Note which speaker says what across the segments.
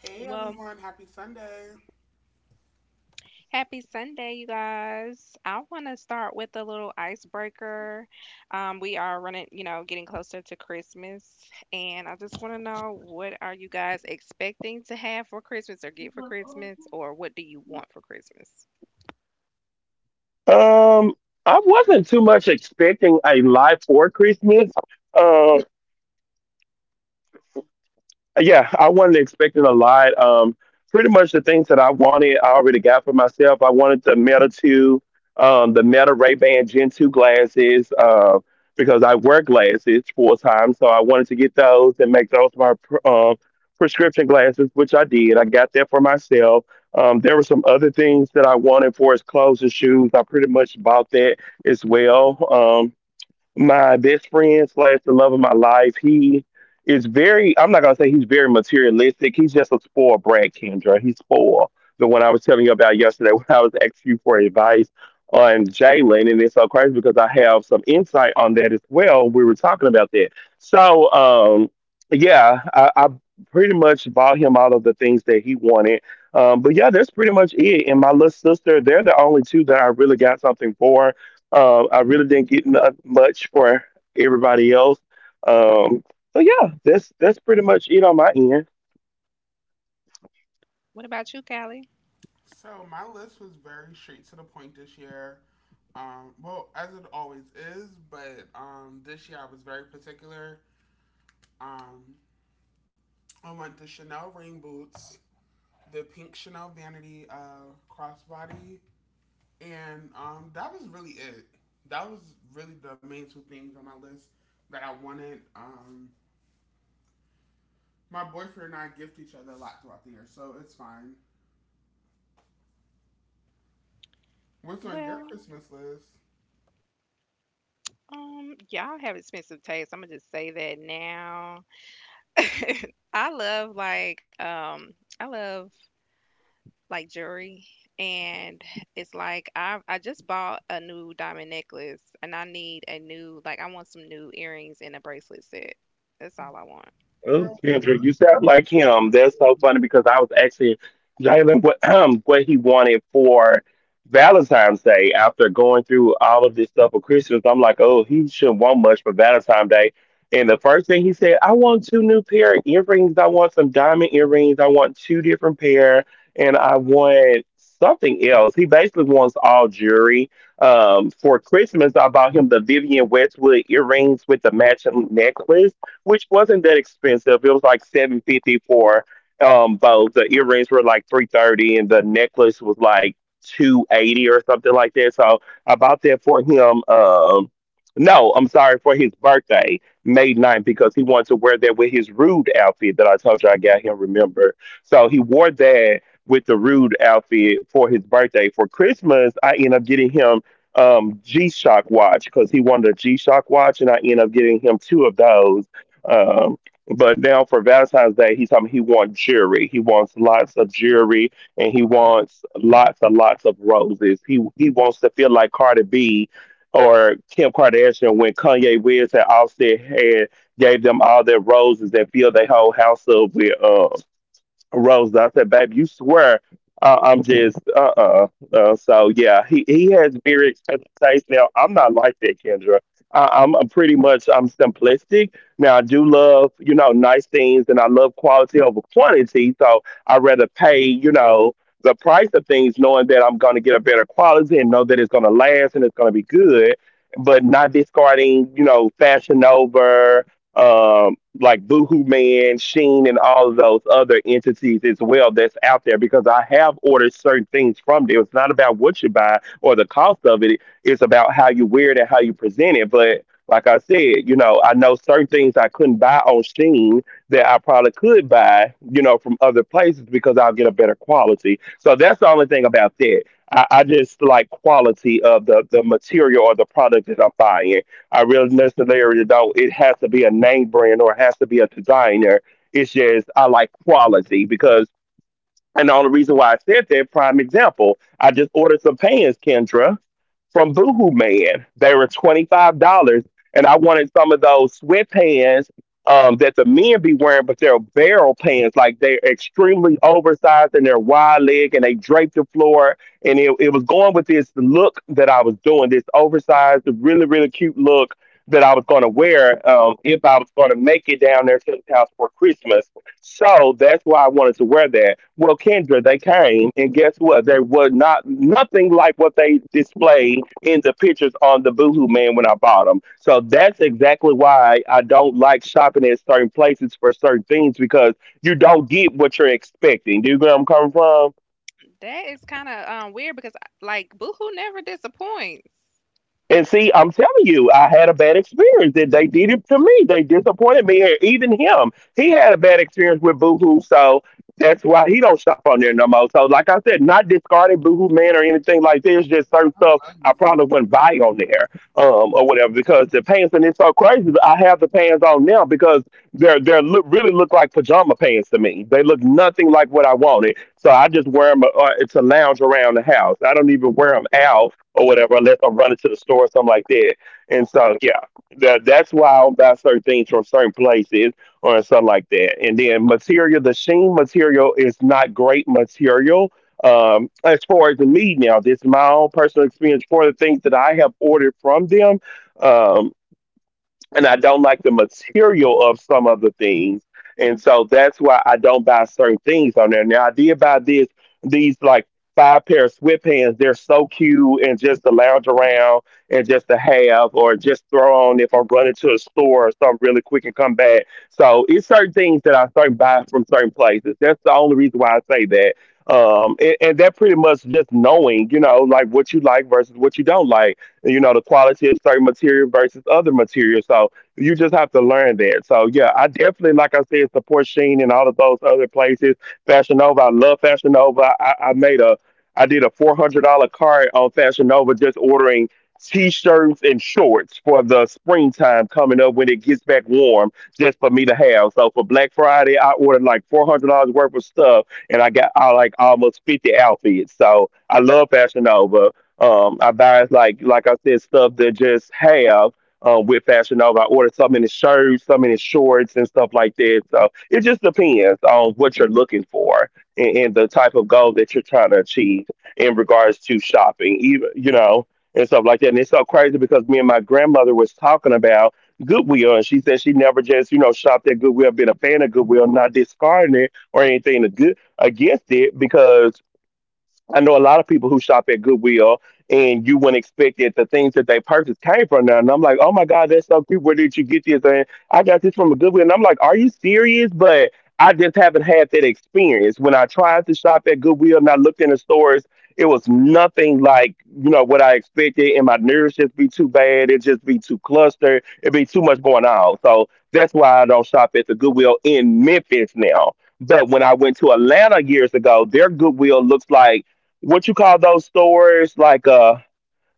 Speaker 1: Hey
Speaker 2: Well,
Speaker 1: everyone, happy Sunday.
Speaker 2: happy Sunday, you guys. I want to start with a little icebreaker. We are running, you know, getting closer to Christmas, and I just want to know, what are you guys expecting to have for Christmas or get for Christmas, or what do you want for Christmas? What about you, Callie?
Speaker 1: So my list was very straight to the point this year. As it always is, but this year I was very particular. Um, I want the Chanel rain boots, the pink Chanel vanity crossbody, and that was really it. That was really the main two things on my list that I wanted. My boyfriend and I gift each other a lot throughout the year, so it's fine. What's on your
Speaker 2: Well,
Speaker 1: Christmas list?
Speaker 2: y'all have expensive taste. I'm gonna just say that now. I love I love like jewelry, and it's like I just bought a new diamond necklace, and I need a new, like, I want some new earrings and a bracelet set. That's all I want.
Speaker 1: Girl, jury probation.
Speaker 2: That is kind of weird because like Boohoo never disappoints.
Speaker 1: I love me some beauty.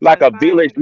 Speaker 2: Consign.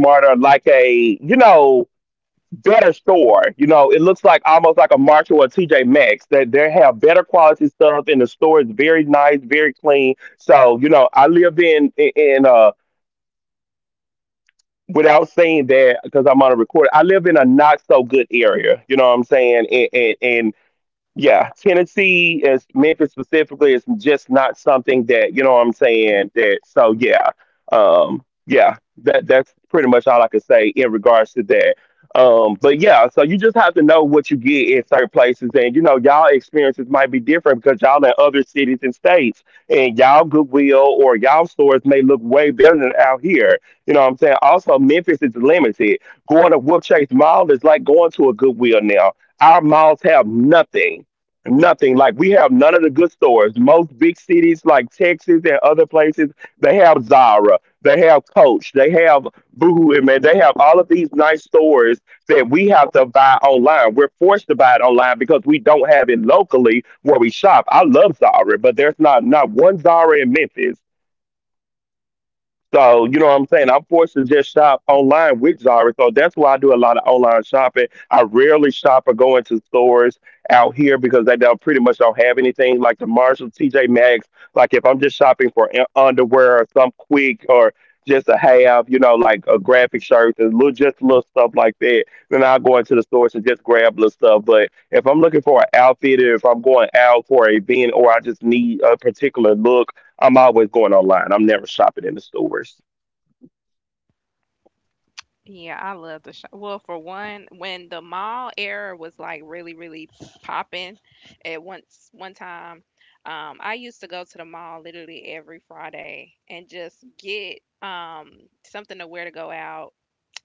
Speaker 2: Yeah, I love the show. Well, for one, when the mall era was like really, really popping, at once one time, I used to go to the mall literally every Friday and just get something to wear to go out.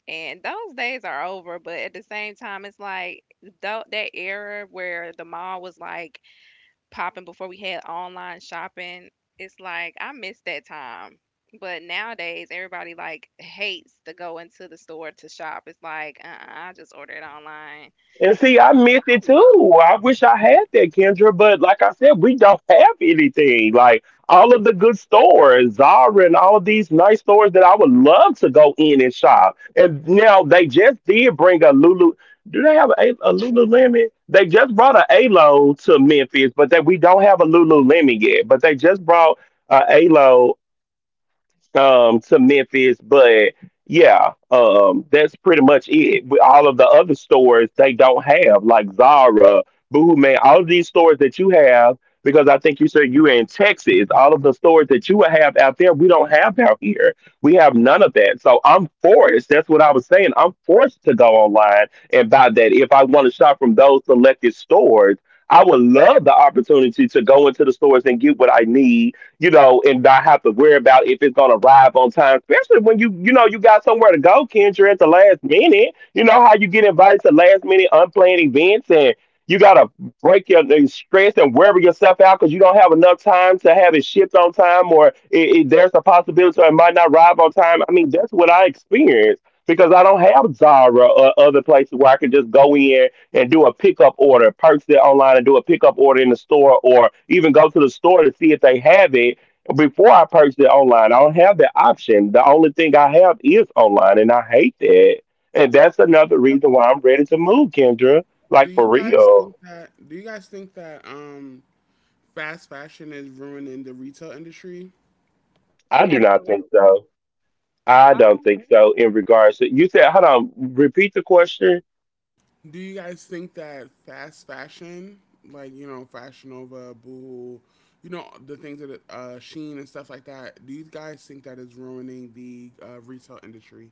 Speaker 2: And those days are over, but at the same time, it's like though that era where the mall was like popping before we had online shopping. It's like I miss that time. But nowadays, everybody like hates to go into the store to shop. It's like, I just order it online.
Speaker 1: Do you guys think that fast fashion is ruining the retail industry?
Speaker 2: Absolutely. Um,
Speaker 1: Do you guys think that fast fashion, like you know, Fashion Nova, Boohoo, you know, the things that Sheen and stuff like that, do you guys think that is ruining the retail industry?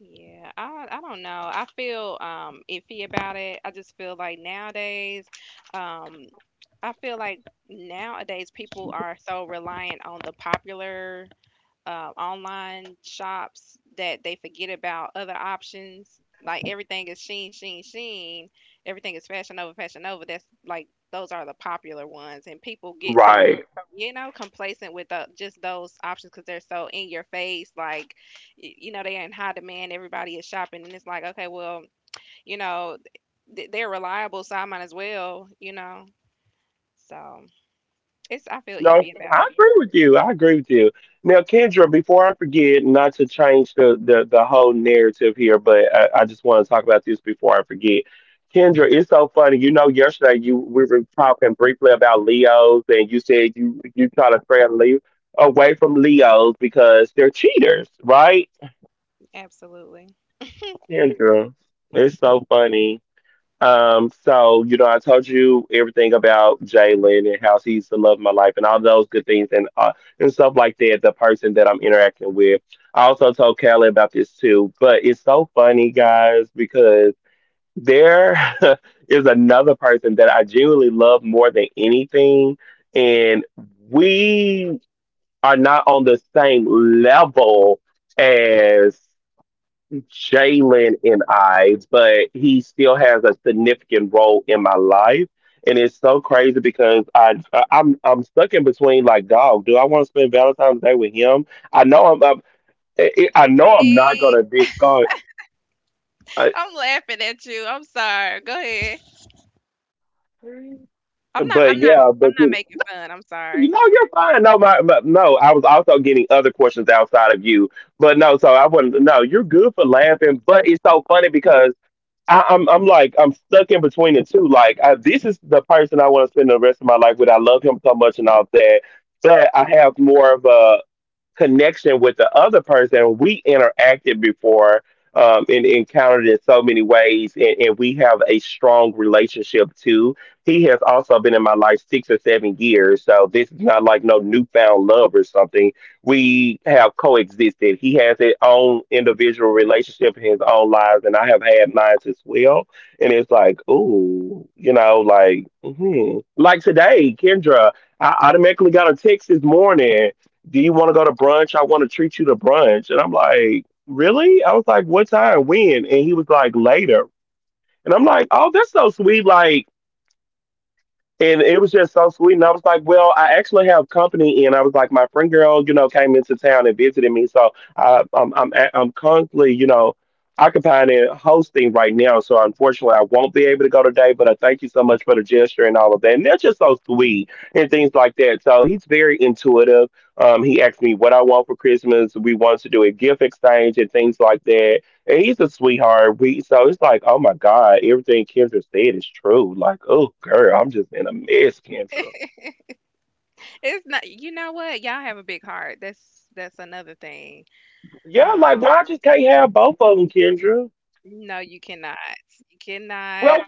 Speaker 2: yeah, I don't know. I feel iffy about it. I just feel like nowadays, um, I feel like nowadays people are so reliant on the popular online shops that they forget about other options. Like everything is Sheen, Sheen, Sheen. Everything is Fashion Nova, Fashion Nova. That's like those are the popular ones, and people get so, you know, complacent with, the, just those options because they're so in your face. Like you know, they're in high demand. Everybody is shopping, and it's like, okay, well, you know they're reliable, so I might as well. So it's, I feel iffy about it. Absolutely. See. I'm laughing at you. I'm sorry. Go ahead. I'm not. I'm not. I'm not making fun. I'm sorry. It's not. You know what? Y'all have a big heart. That's another thing. Um. No, you cannot. You cannot.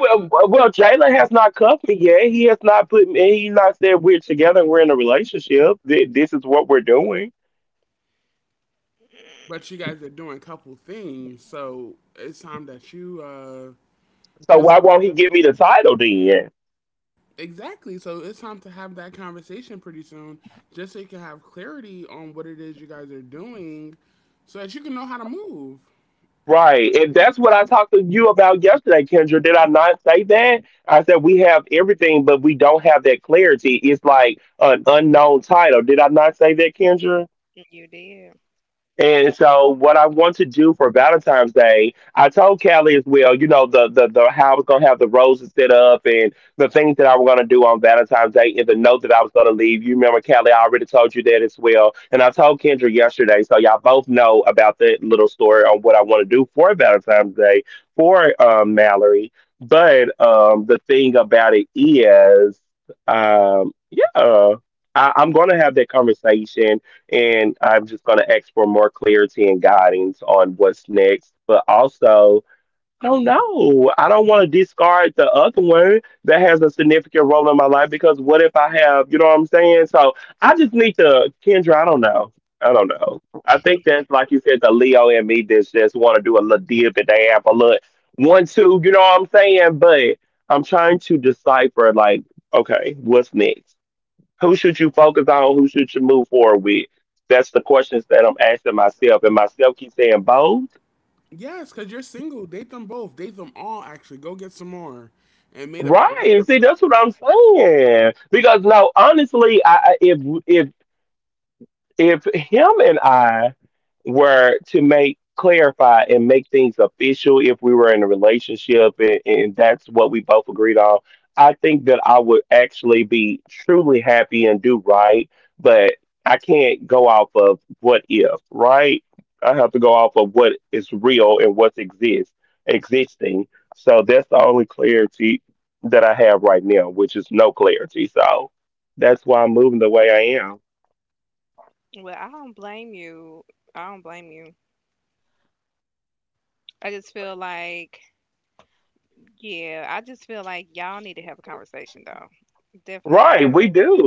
Speaker 1: But you guys are doing couple things, so it's time that you put some. Exactly. So it's time to have that conversation pretty soon, just so you can have clarity on what it is you guys are doing, so that you can know how to move.
Speaker 2: You did.
Speaker 1: Yes, because you're single. Date them both. Date them all. Actually, go get some more, and made a. You
Speaker 2: Well, I don't blame you. I don't blame you. I just feel like, yeah, I just feel like y'all need to have a conversation though. Definitely need to have a conversation.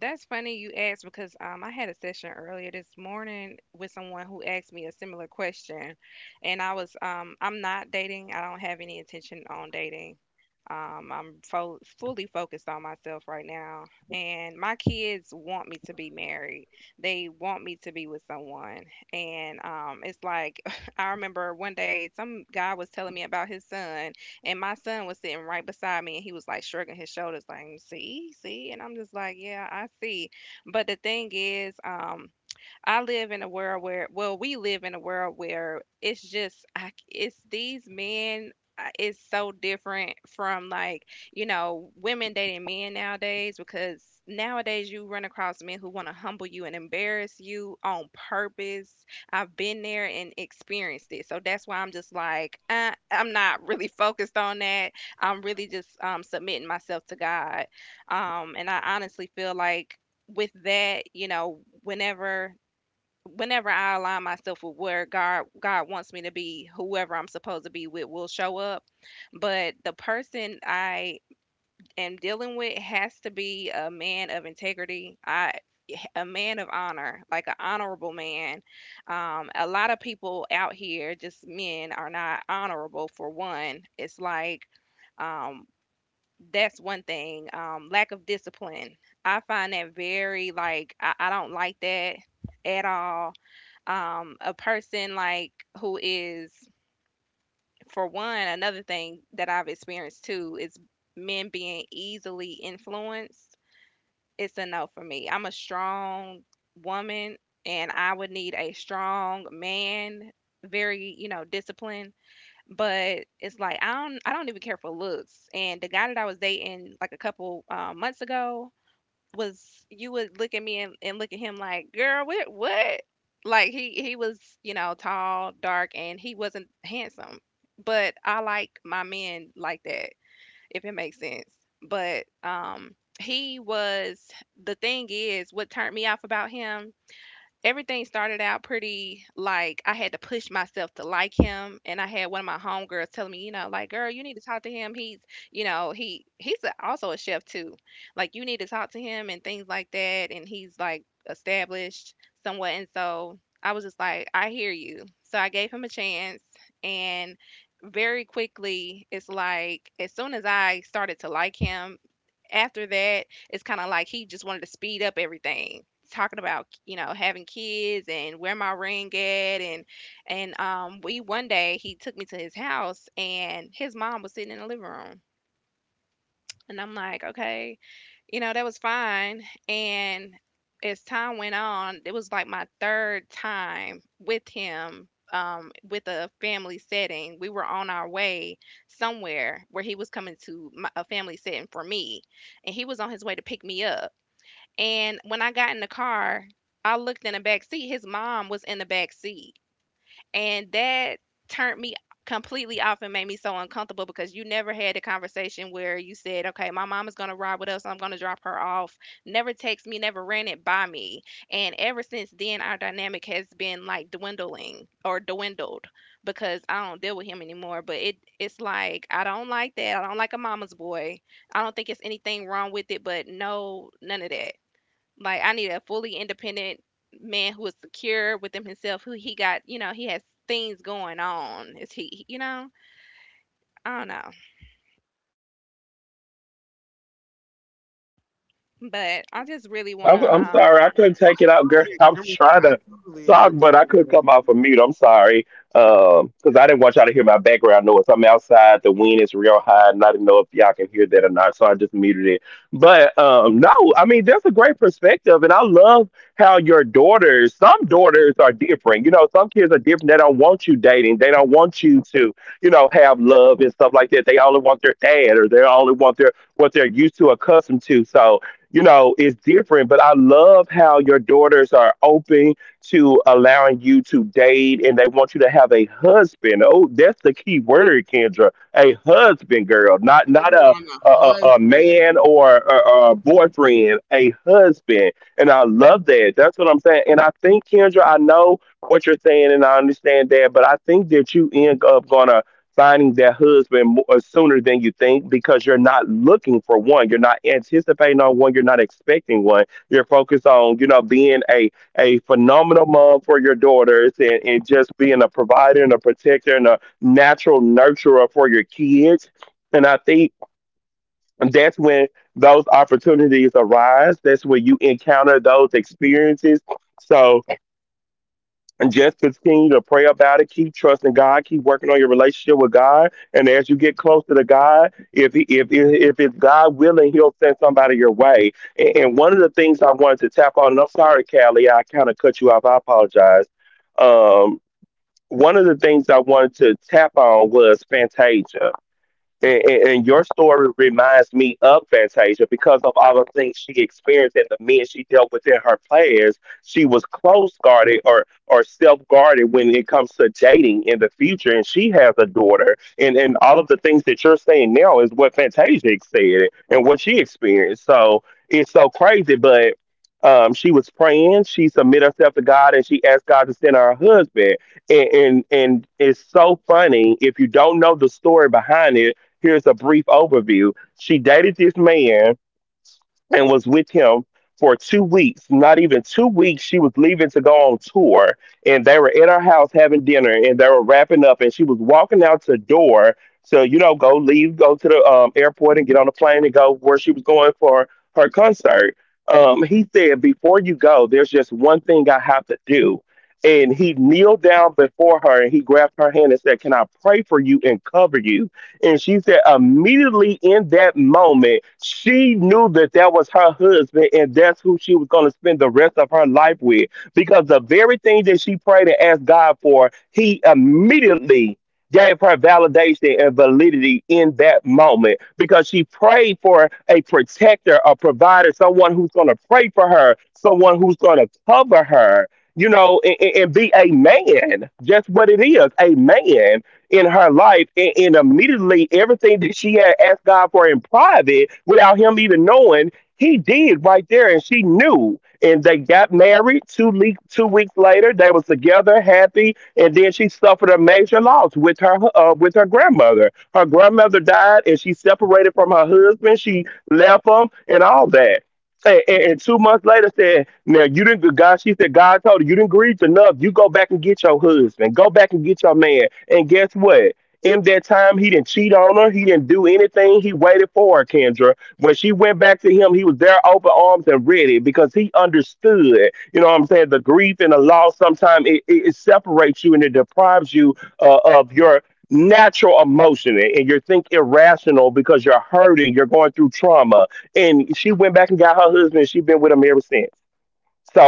Speaker 2: That's funny you asked because I had a session earlier this morning with someone who asked me a similar question, and I was I'm not dating. I don't have any intention on dating. I'm fully focused on myself right now, and my kids want me to be married. They want me to be with someone, and it's like I remember one day some guy was telling me about his son. And my son was sitting right beside me and he was like shrugging his shoulders, like, see, see. And I'm just like, yeah, I see. But the thing is, I live in a world where, well, we live in a world where it's just, I, it's these men. It's so different from like, you know, women dating men nowadays because nowadays you run across men who want to humble you and embarrass you on purpose. I've been there and experienced it. So that's why I'm just like, I'm not really focused on that. I'm really just submitting myself to God. And I honestly feel like with that, you know, whenever I align myself with where God wants me to be, whoever I'm supposed to be with will show up. But the person I am dealing with has to be a man of integrity, I, a man of honor, like an honorable man. A lot of people out here, just men, are not honorable. For one, it's like, um, that's one thing. Lack of discipline. I find that very like, I don't like that at all, a person like who is, for one, another thing that I've experienced too is men being easily influenced. It's a no for me. I'm a strong woman, and I would need a strong man, very, you know, disciplined. But it's like I don't even care for looks, and the guy that I was dating like a couple months ago was, you would look at me and look at him like, girl, what what? Like he was, you know, tall, dark, and he wasn't handsome. But I like my men like that, if it makes sense. But he was, the thing is what turned me off about him, everything started out pretty, like I had to push myself to like him, and I had one of my homegirls telling me, you know, like, girl, you need to talk to him. You know, he's a, also a chef too. Like you need to talk to him and things like that, and he's like established somewhat. And so I was just like, I hear you. So I gave him a chance, and very quickly it's like as soon as I started to like him, after that, it's kind of like he just wanted to speed up everything. Talking about, you know, having kids and where my ring at. And we One day he took me to his house and his mom was sitting in the living room. And I'm like, okay, you know, that was fine, and as time went on, it was like my 3rd time with him, with a family setting. We were on our way somewhere where he was coming to my, a family setting for me, and he was on his way to pick me up, and when I got in the car, I looked in the back seat, his mom was in the back seat. And that turned me completely off and made me so uncomfortable because you never had a conversation where you said, okay, my mom is going to ride with us. I'm going to drop her off. Never text me, never ran it by me. And ever since then, our dynamic has been like dwindling or dwindled because I don't deal with him anymore. But it's like, I don't like that. I don't like a mama's boy. I don't think it's anything wrong with it, but no, none of that. Like I need a fully independent man who is secure within himself, who he got, you know, he has things going on. Is he, you know? I don't know. But I just really want to
Speaker 1: totally agree with you. I totally agree with you, Kendra. Heavy on the husband.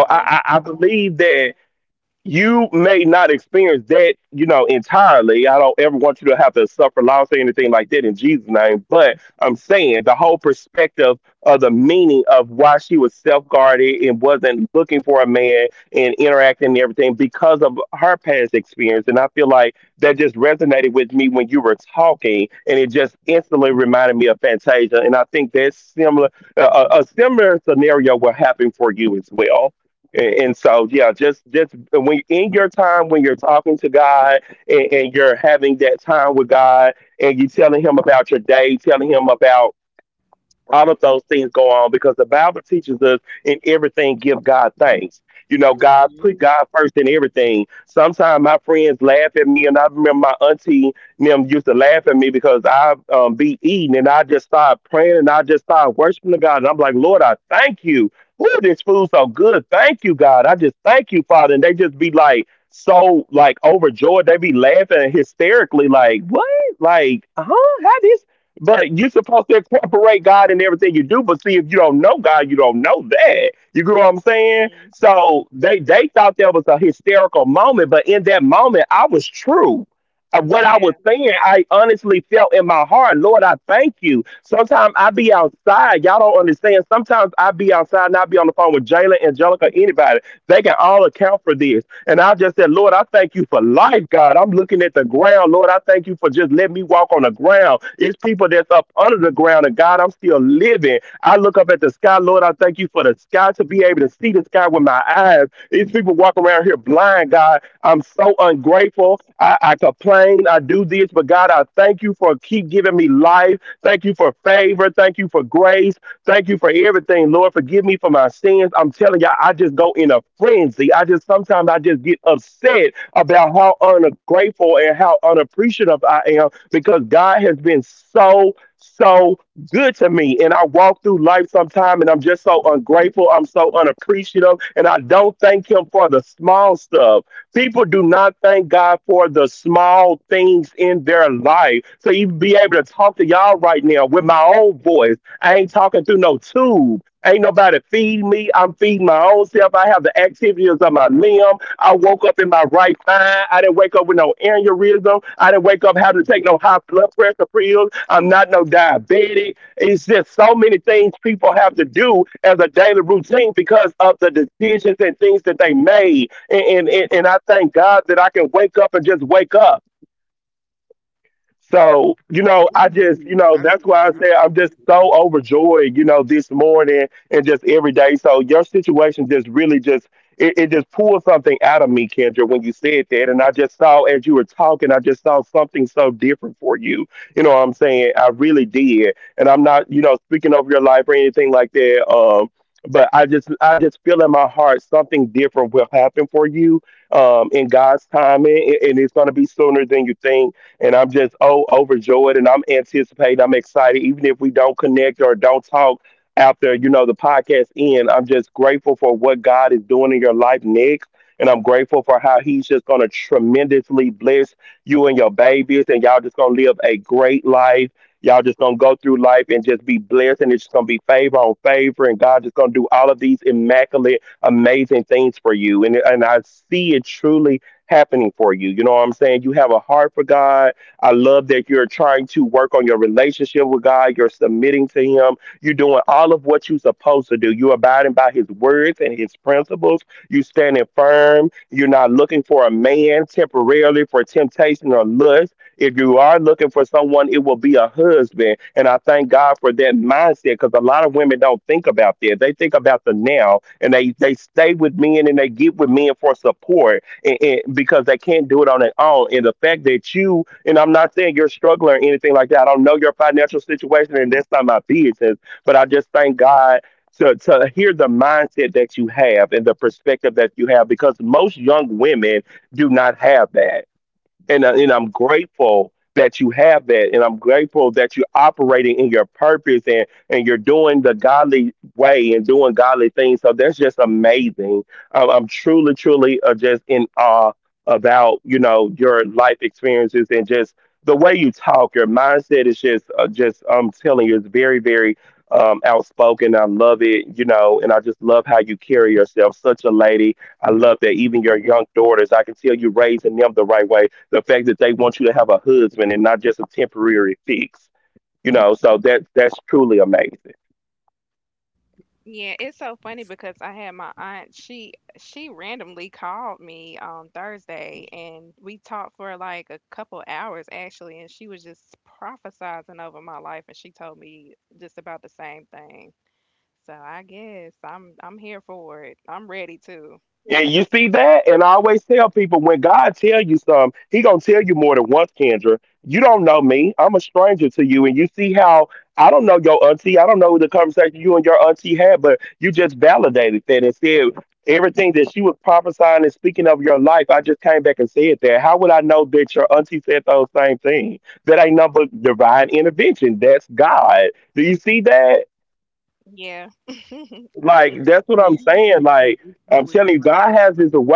Speaker 2: oh my God.
Speaker 1: Hmm.
Speaker 2: Hmm. Yeah.
Speaker 1: Amen. That is a beautiful thing.
Speaker 2: Yeah, it's so funny because I had my aunt, she randomly called me on Thursday and we talked for like a couple hours actually, and she was just prophesizing over my life, and she told me just about the same thing. So I guess I'm here for it. I'm ready too. Yeah, I do.
Speaker 1: When you get married in career, that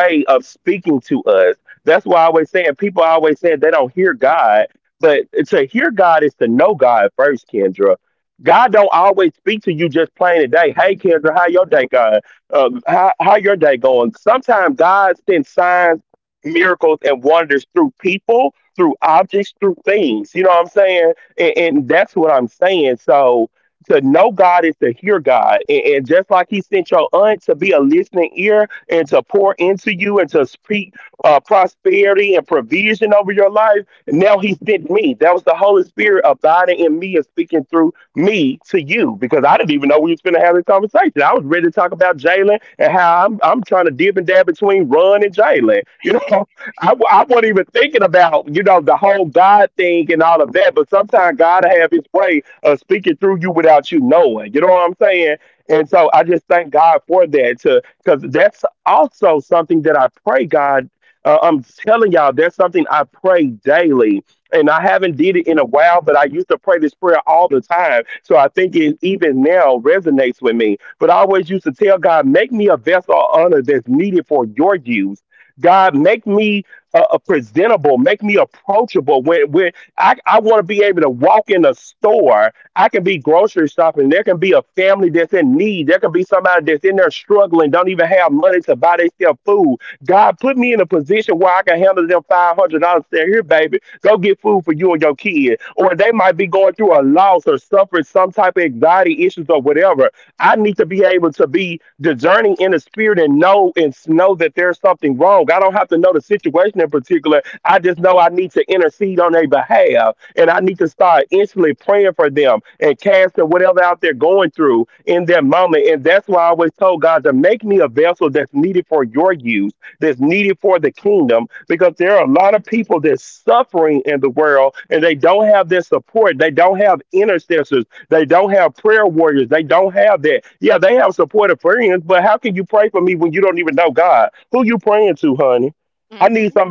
Speaker 2: Mhm.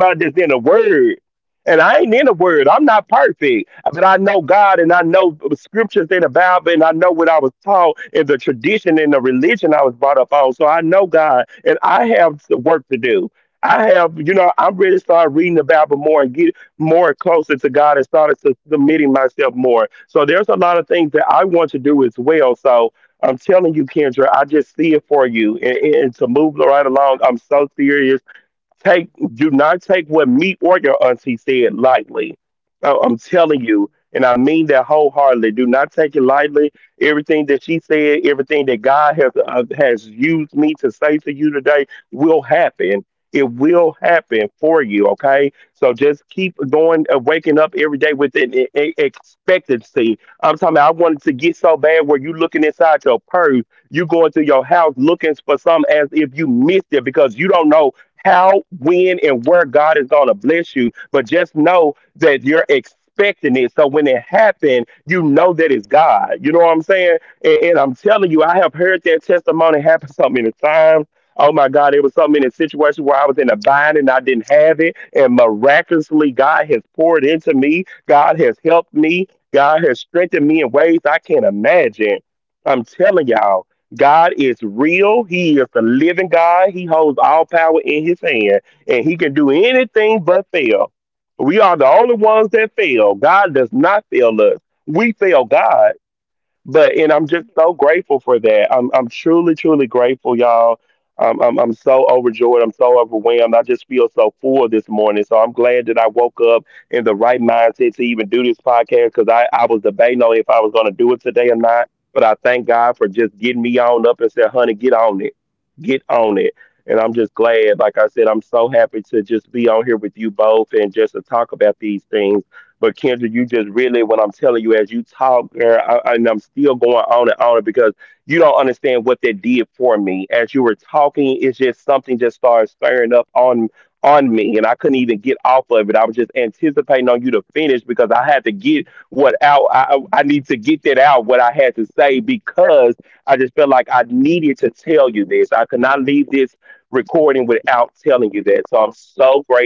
Speaker 2: Mhm.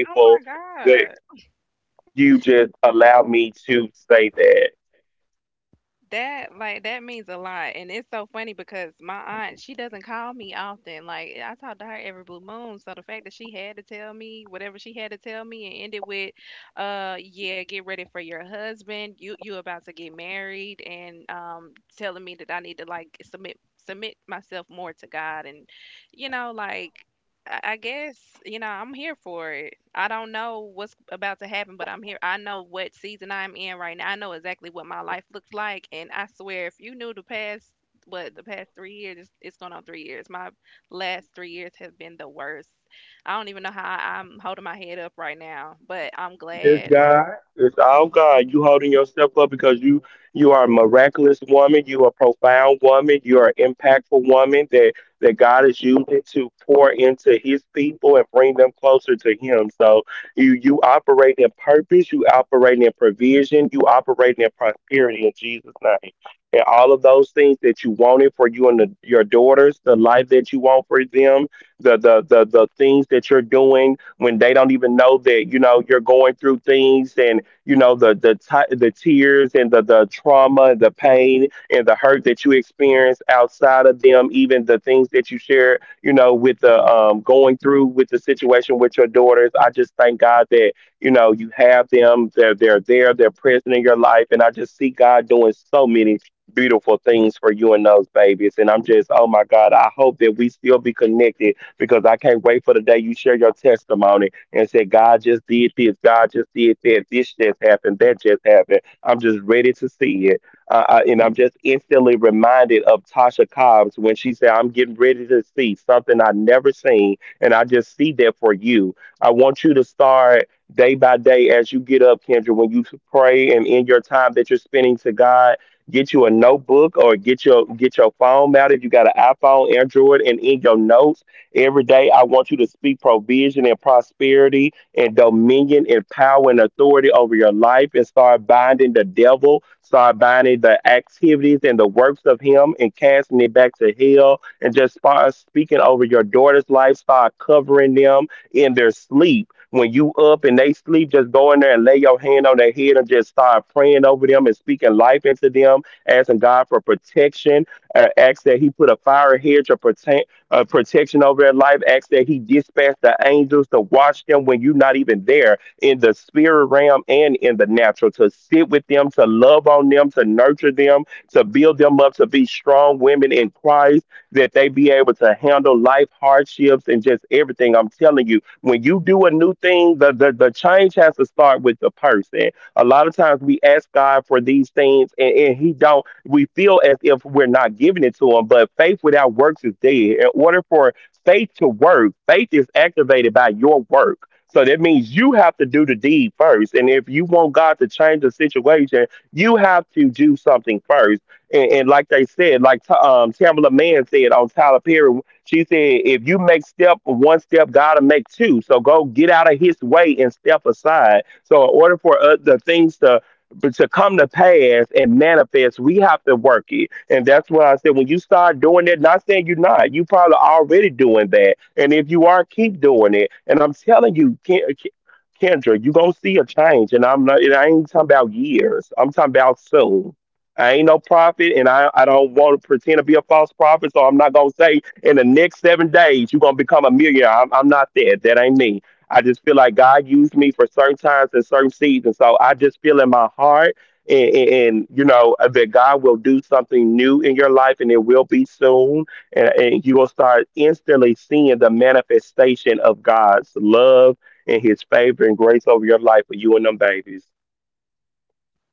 Speaker 2: Oh my. That, like, that means a lot, and it's so funny because my aunt, she doesn't call me often. Like I talk to her every blue moon, so the fact that she had to tell me whatever she had to tell me and ended with, Yeah, get ready for your husband. You about to get married," and telling me that I need to like submit myself more to God, and you know, like, I guess, you know, I'm here for it. I don't know what's about to happen, but I'm here. I know what season I'm in right now. I know exactly what my life looks like, and I swear, if you knew the past, what the past three years, it's going on three years. My last three years have been the worst. I don't even know how I'm holding my head up right now, but I'm glad. Hmm.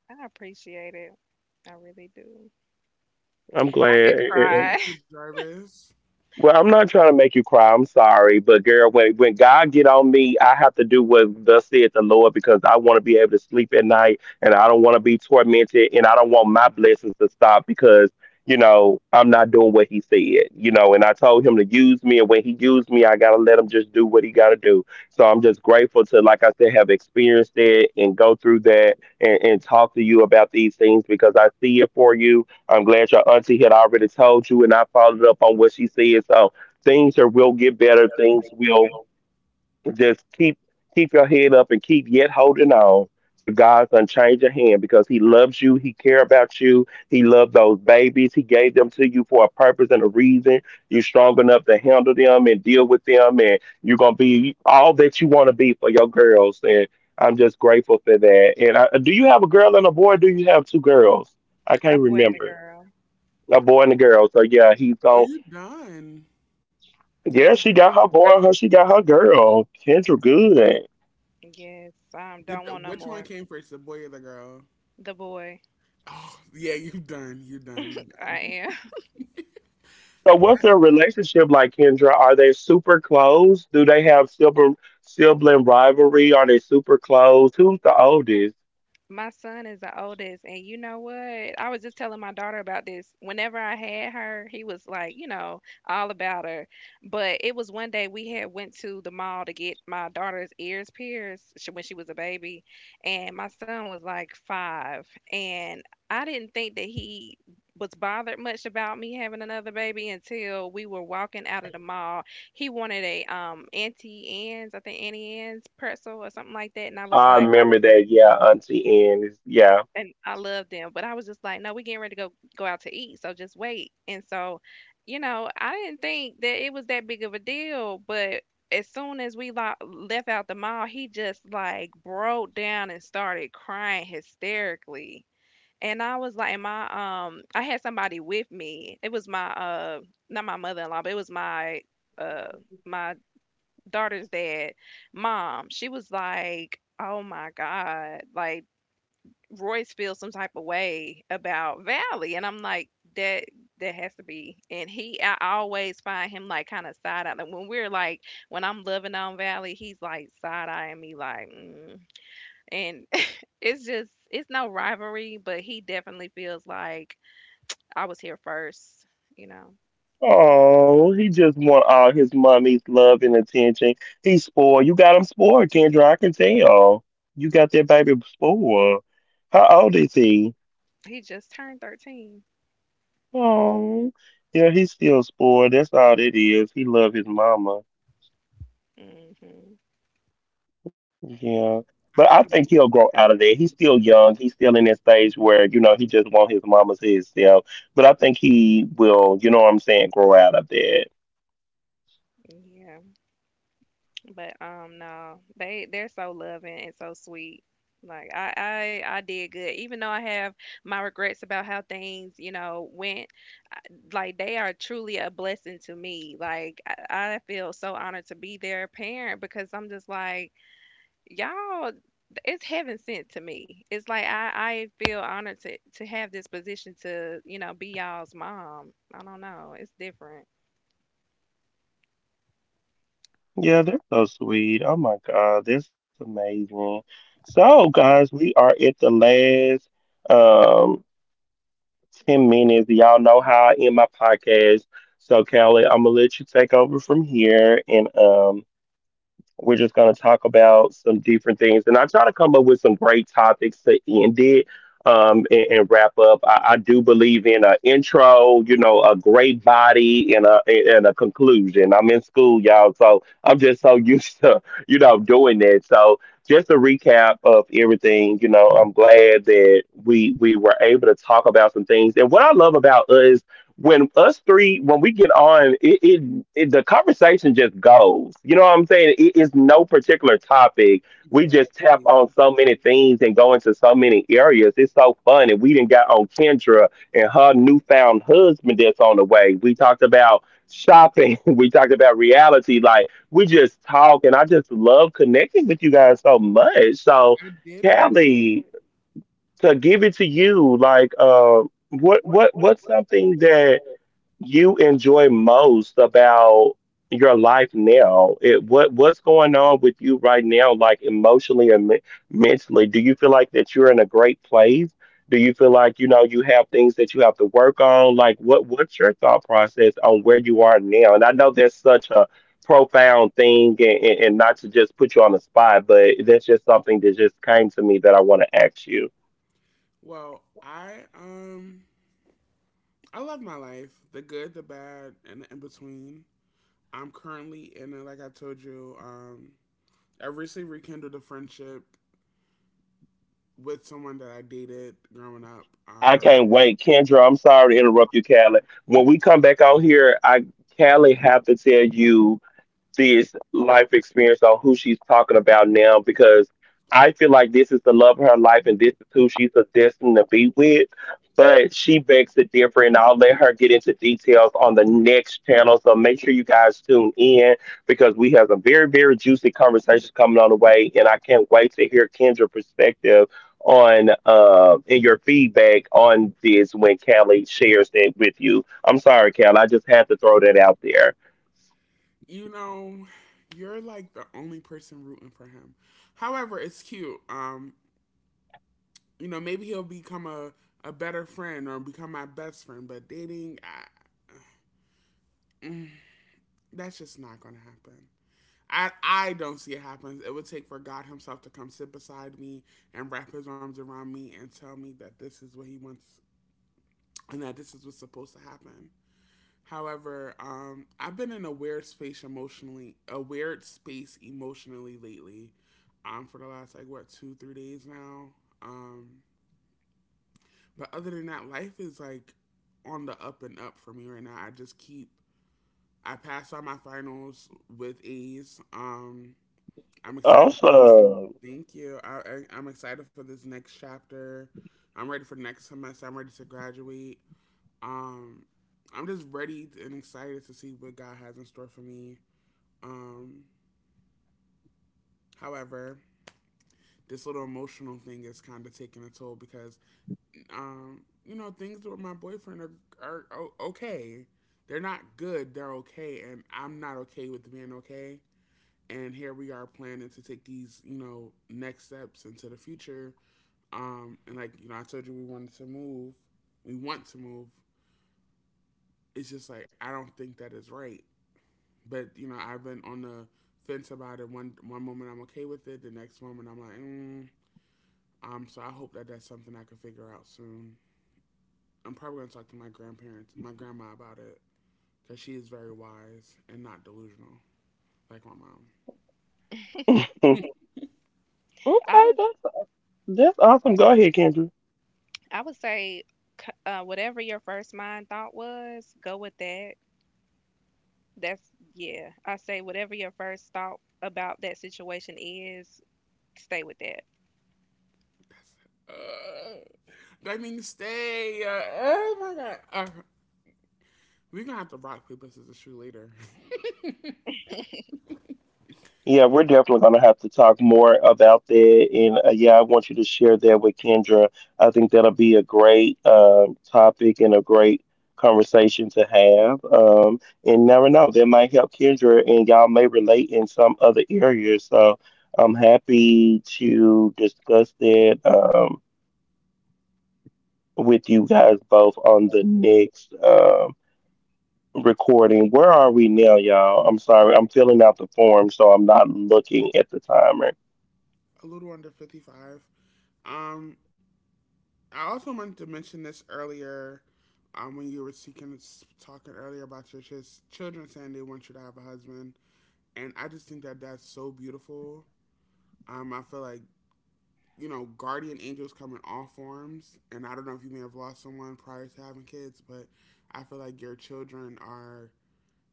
Speaker 2: I appreciate it. I really do. I
Speaker 1: was
Speaker 2: could
Speaker 1: so
Speaker 2: cry.
Speaker 1: beautiful, Jarvis.
Speaker 2: A boy and a girl.
Speaker 1: Are you done?
Speaker 2: Mhm. Yes, I
Speaker 1: Get
Speaker 2: don't
Speaker 1: the,
Speaker 2: want no
Speaker 1: which one
Speaker 2: more.
Speaker 1: came first, the boy or the girl?
Speaker 2: The boy.
Speaker 1: Oh, yeah, you done. You done. You
Speaker 2: I
Speaker 1: done.
Speaker 2: am. My son is the oldest, and you know what? I was just telling my daughter about this. Whenever I had her, he was like, you know, all about her. But it was one day we had went to the mall to get my daughter's ears pierced when she was a baby, and my son was like five, and I didn't think that he was bothered much about me having another baby until we were walking out of the mall. He wanted a Auntie Anne's, I think Auntie Anne's pretzel or something like that, and I was like, and I love them, but I was just like, no, we getting ready to go out to eat, so just wait. And so, you know, I didn't think that it was that big of a deal, but as soon as left out the mall, he just like broke down and started crying hysterically. And I was like, and my I had somebody with me. It was my not my mother in law, but it was my uh, my daughter's dad mom. She was like, oh my god, like Royce feels some type of way about Valley. And I'm like, that that has to be. And he, I always find him like kind of side eye. Like when we're like, when I'm loving on Valley, he's like side eyeing me, like, And it's just, it's no rivalry, but he definitely feels like I was here first. You know, he just turned 13. Hmm.
Speaker 1: I can't wait to.
Speaker 2: Yeah. But no, they're so loving and so sweet. Like I did good. Even though I have my regrets about how things, you know, went, like they are truly a blessing to me. Like I feel so honored to be their parent, because I'm just like, y'all, it's heaven sent to me. It's like I feel honored to have this position to, you know, be y'all's mom. I don't know. It's different.
Speaker 1: Exactly. I did want to. What? Well, I love my life. The good, the bad, and the in between. I'm currently in a, like I told you. I recently rekindled a friendship with someone that I dated growing up. You know, you're like the only person rooting for him. However, it's cute. You know, maybe he'll become a better friend or become my best friend. But dating, mm, that's just not going to happen. I don't see it happen. It would take for God Himself to come sit beside me and wrap His arms around me and tell me that this is what He wants and that this is what's supposed to happen. However, I've been in a weird space emotionally, a weird space emotionally lately, for the last like what two, 3 days now. Um, But other than that, life is on the up and up for me right now. I just keep I passed on my finals with ease. I'm excited for this. Thank you. I'm excited for this next chapter. I'm ready for the next semester. I'm ready to graduate. Um, I'm just ready and excited to see what God has in store for me. Um, however, this little emotional thing is kind of taking a toll because you know, things with my boyfriend are okay. They're not good, they're okay. And I'm not okay with being okay. And here we are planning to take these, you know, next steps into the future. And like, you know, I told you we wanted to move. We want to move. It's just like, I don't think that is right. But, you know, I've been on the fence about it. One moment I'm okay with it. The next moment I'm like, mm. So I hope that that's something I can figure out soon. I'm probably gonna talk to my grandparents, my grandma about it, because she is very wise and not delusional like my mom.
Speaker 2: I I would say, whatever your first mind thought was, go with that. That's, yeah. I say, whatever your first thought about that situation is, stay with that.
Speaker 1: Uh, that means stay. Oh my god. We're gonna have to rock paper scissors shoot later. A little under 55. Um, I also wanted to mention this earlier. When you were speaking, talking earlier about your just children saying they want you to have a husband, and I just think that that's so beautiful. I feel like you know, guardian angels come in all forms. And I don't know if you may have lost someone prior to having kids, but I feel like your children are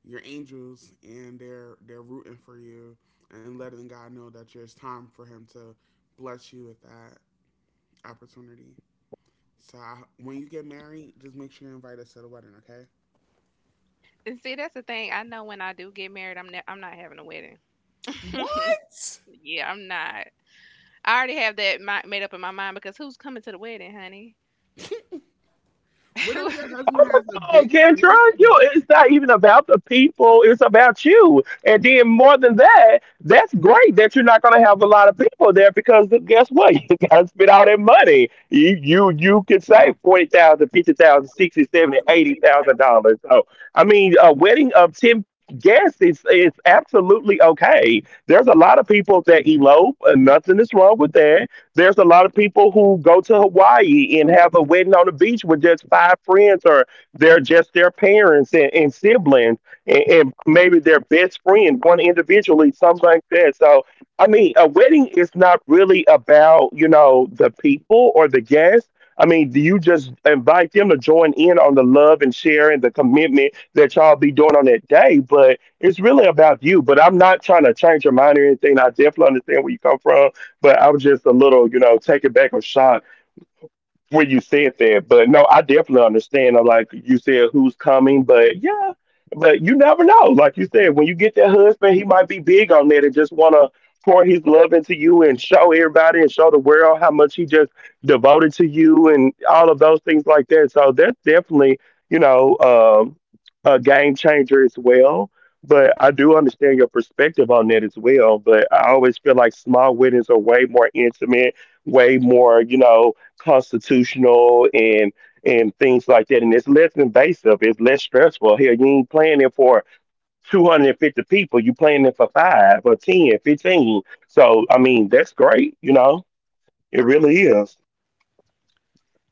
Speaker 1: your angels, and they're rooting for you and letting God know that it's time for him to bless you with that opportunity. So I, when you get married, just make sure you invite us to the wedding, okay?
Speaker 2: And see, that's the thing. I know when I do get married, I'm not having a wedding.
Speaker 1: What?
Speaker 2: Yeah, I'm not. I already have made up in my mind, because who's coming to the wedding, honey?
Speaker 1: What if your husband has a big scene?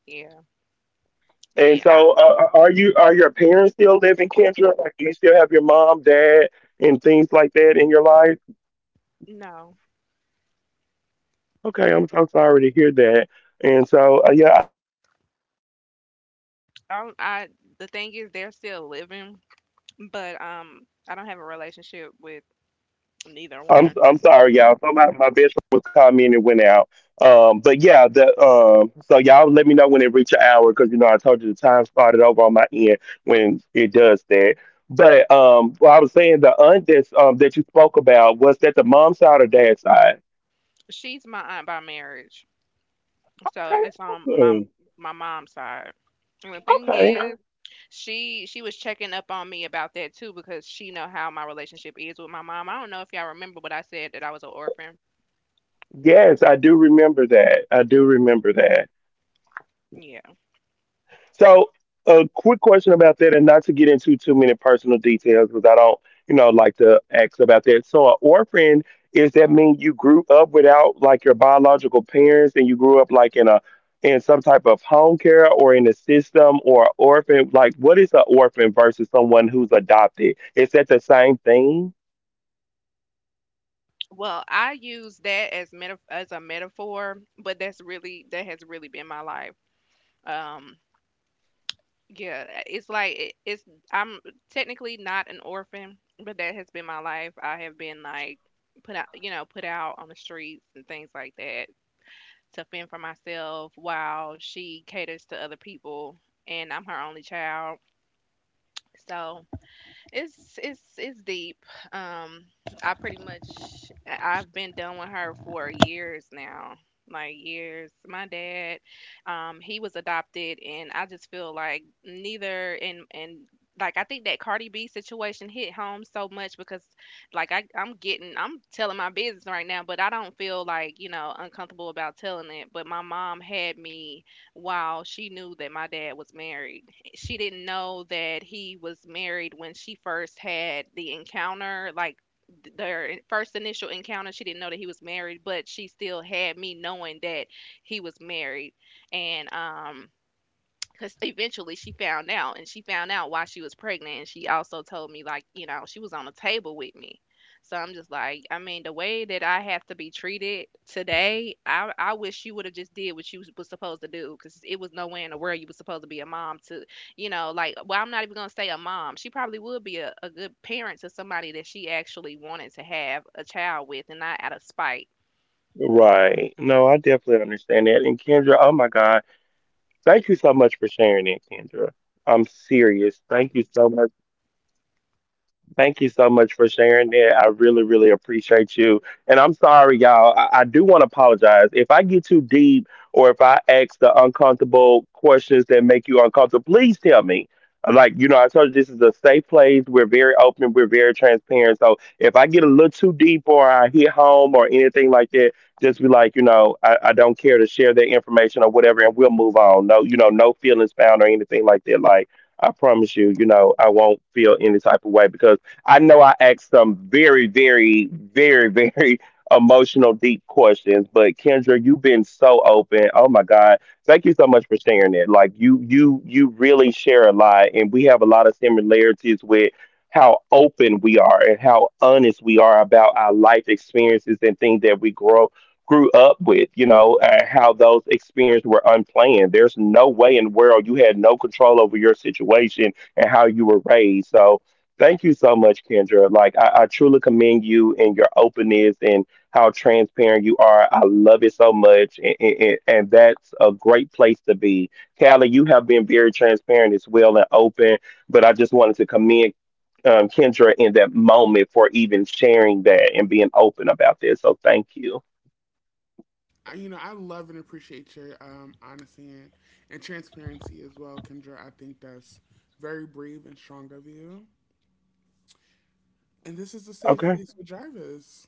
Speaker 2: Yeah, but yeah, I no. I, the thing is, they're still living, but I don't have a relationship with neither one. She's my aunt by marriage. So it's on my mom's side. And the thing is, she was checking up on me about that too, because she know how my relationship is with my mom. I don't know if y'all remember, but I said that I was an orphan. Yeah. Well, I use that as as a metaphor, but that's really, that has really been my life. Um yeah, it's like it's I'm technically not an orphan, but that has been my life. I have been like put out, you know, put out on the streets and things like that, to fend for myself while she caters to other people, and I'm her only child. So it's it's deep. Um, I pretty much I've been done with her for years now. Like years. My dad, he was adopted, and I just feel like neither and and Like I think that Cardi B situation hit home so much, because like I I'm getting I'm telling my business right now, but I don't feel like, you know, uncomfortable about telling it. But my mom had me while she knew that my dad was married. She didn't know that he was married when she first had the encounter, like their first initial encounter. She didn't know that he was married, but she still had me knowing that he was married. And because eventually she found out, and she found out why she was pregnant, and she also told me, like, you know, she was on the table with me. So I'm just like, I mean, the way that I have to be treated today, I wish you would have just did what you was supposed to do, because it was nowhere in the world you was supposed to be a mom to, you know. Like, well, I'm not even gonna say a mom. She probably would be a good parent to somebody that she actually wanted to have a child with and not out of spite.
Speaker 1: I- you know, I love and appreciate your honesty and transparency as well, Kendra. I think that's very brave and strong of you. And this is a safe place for Jarvis.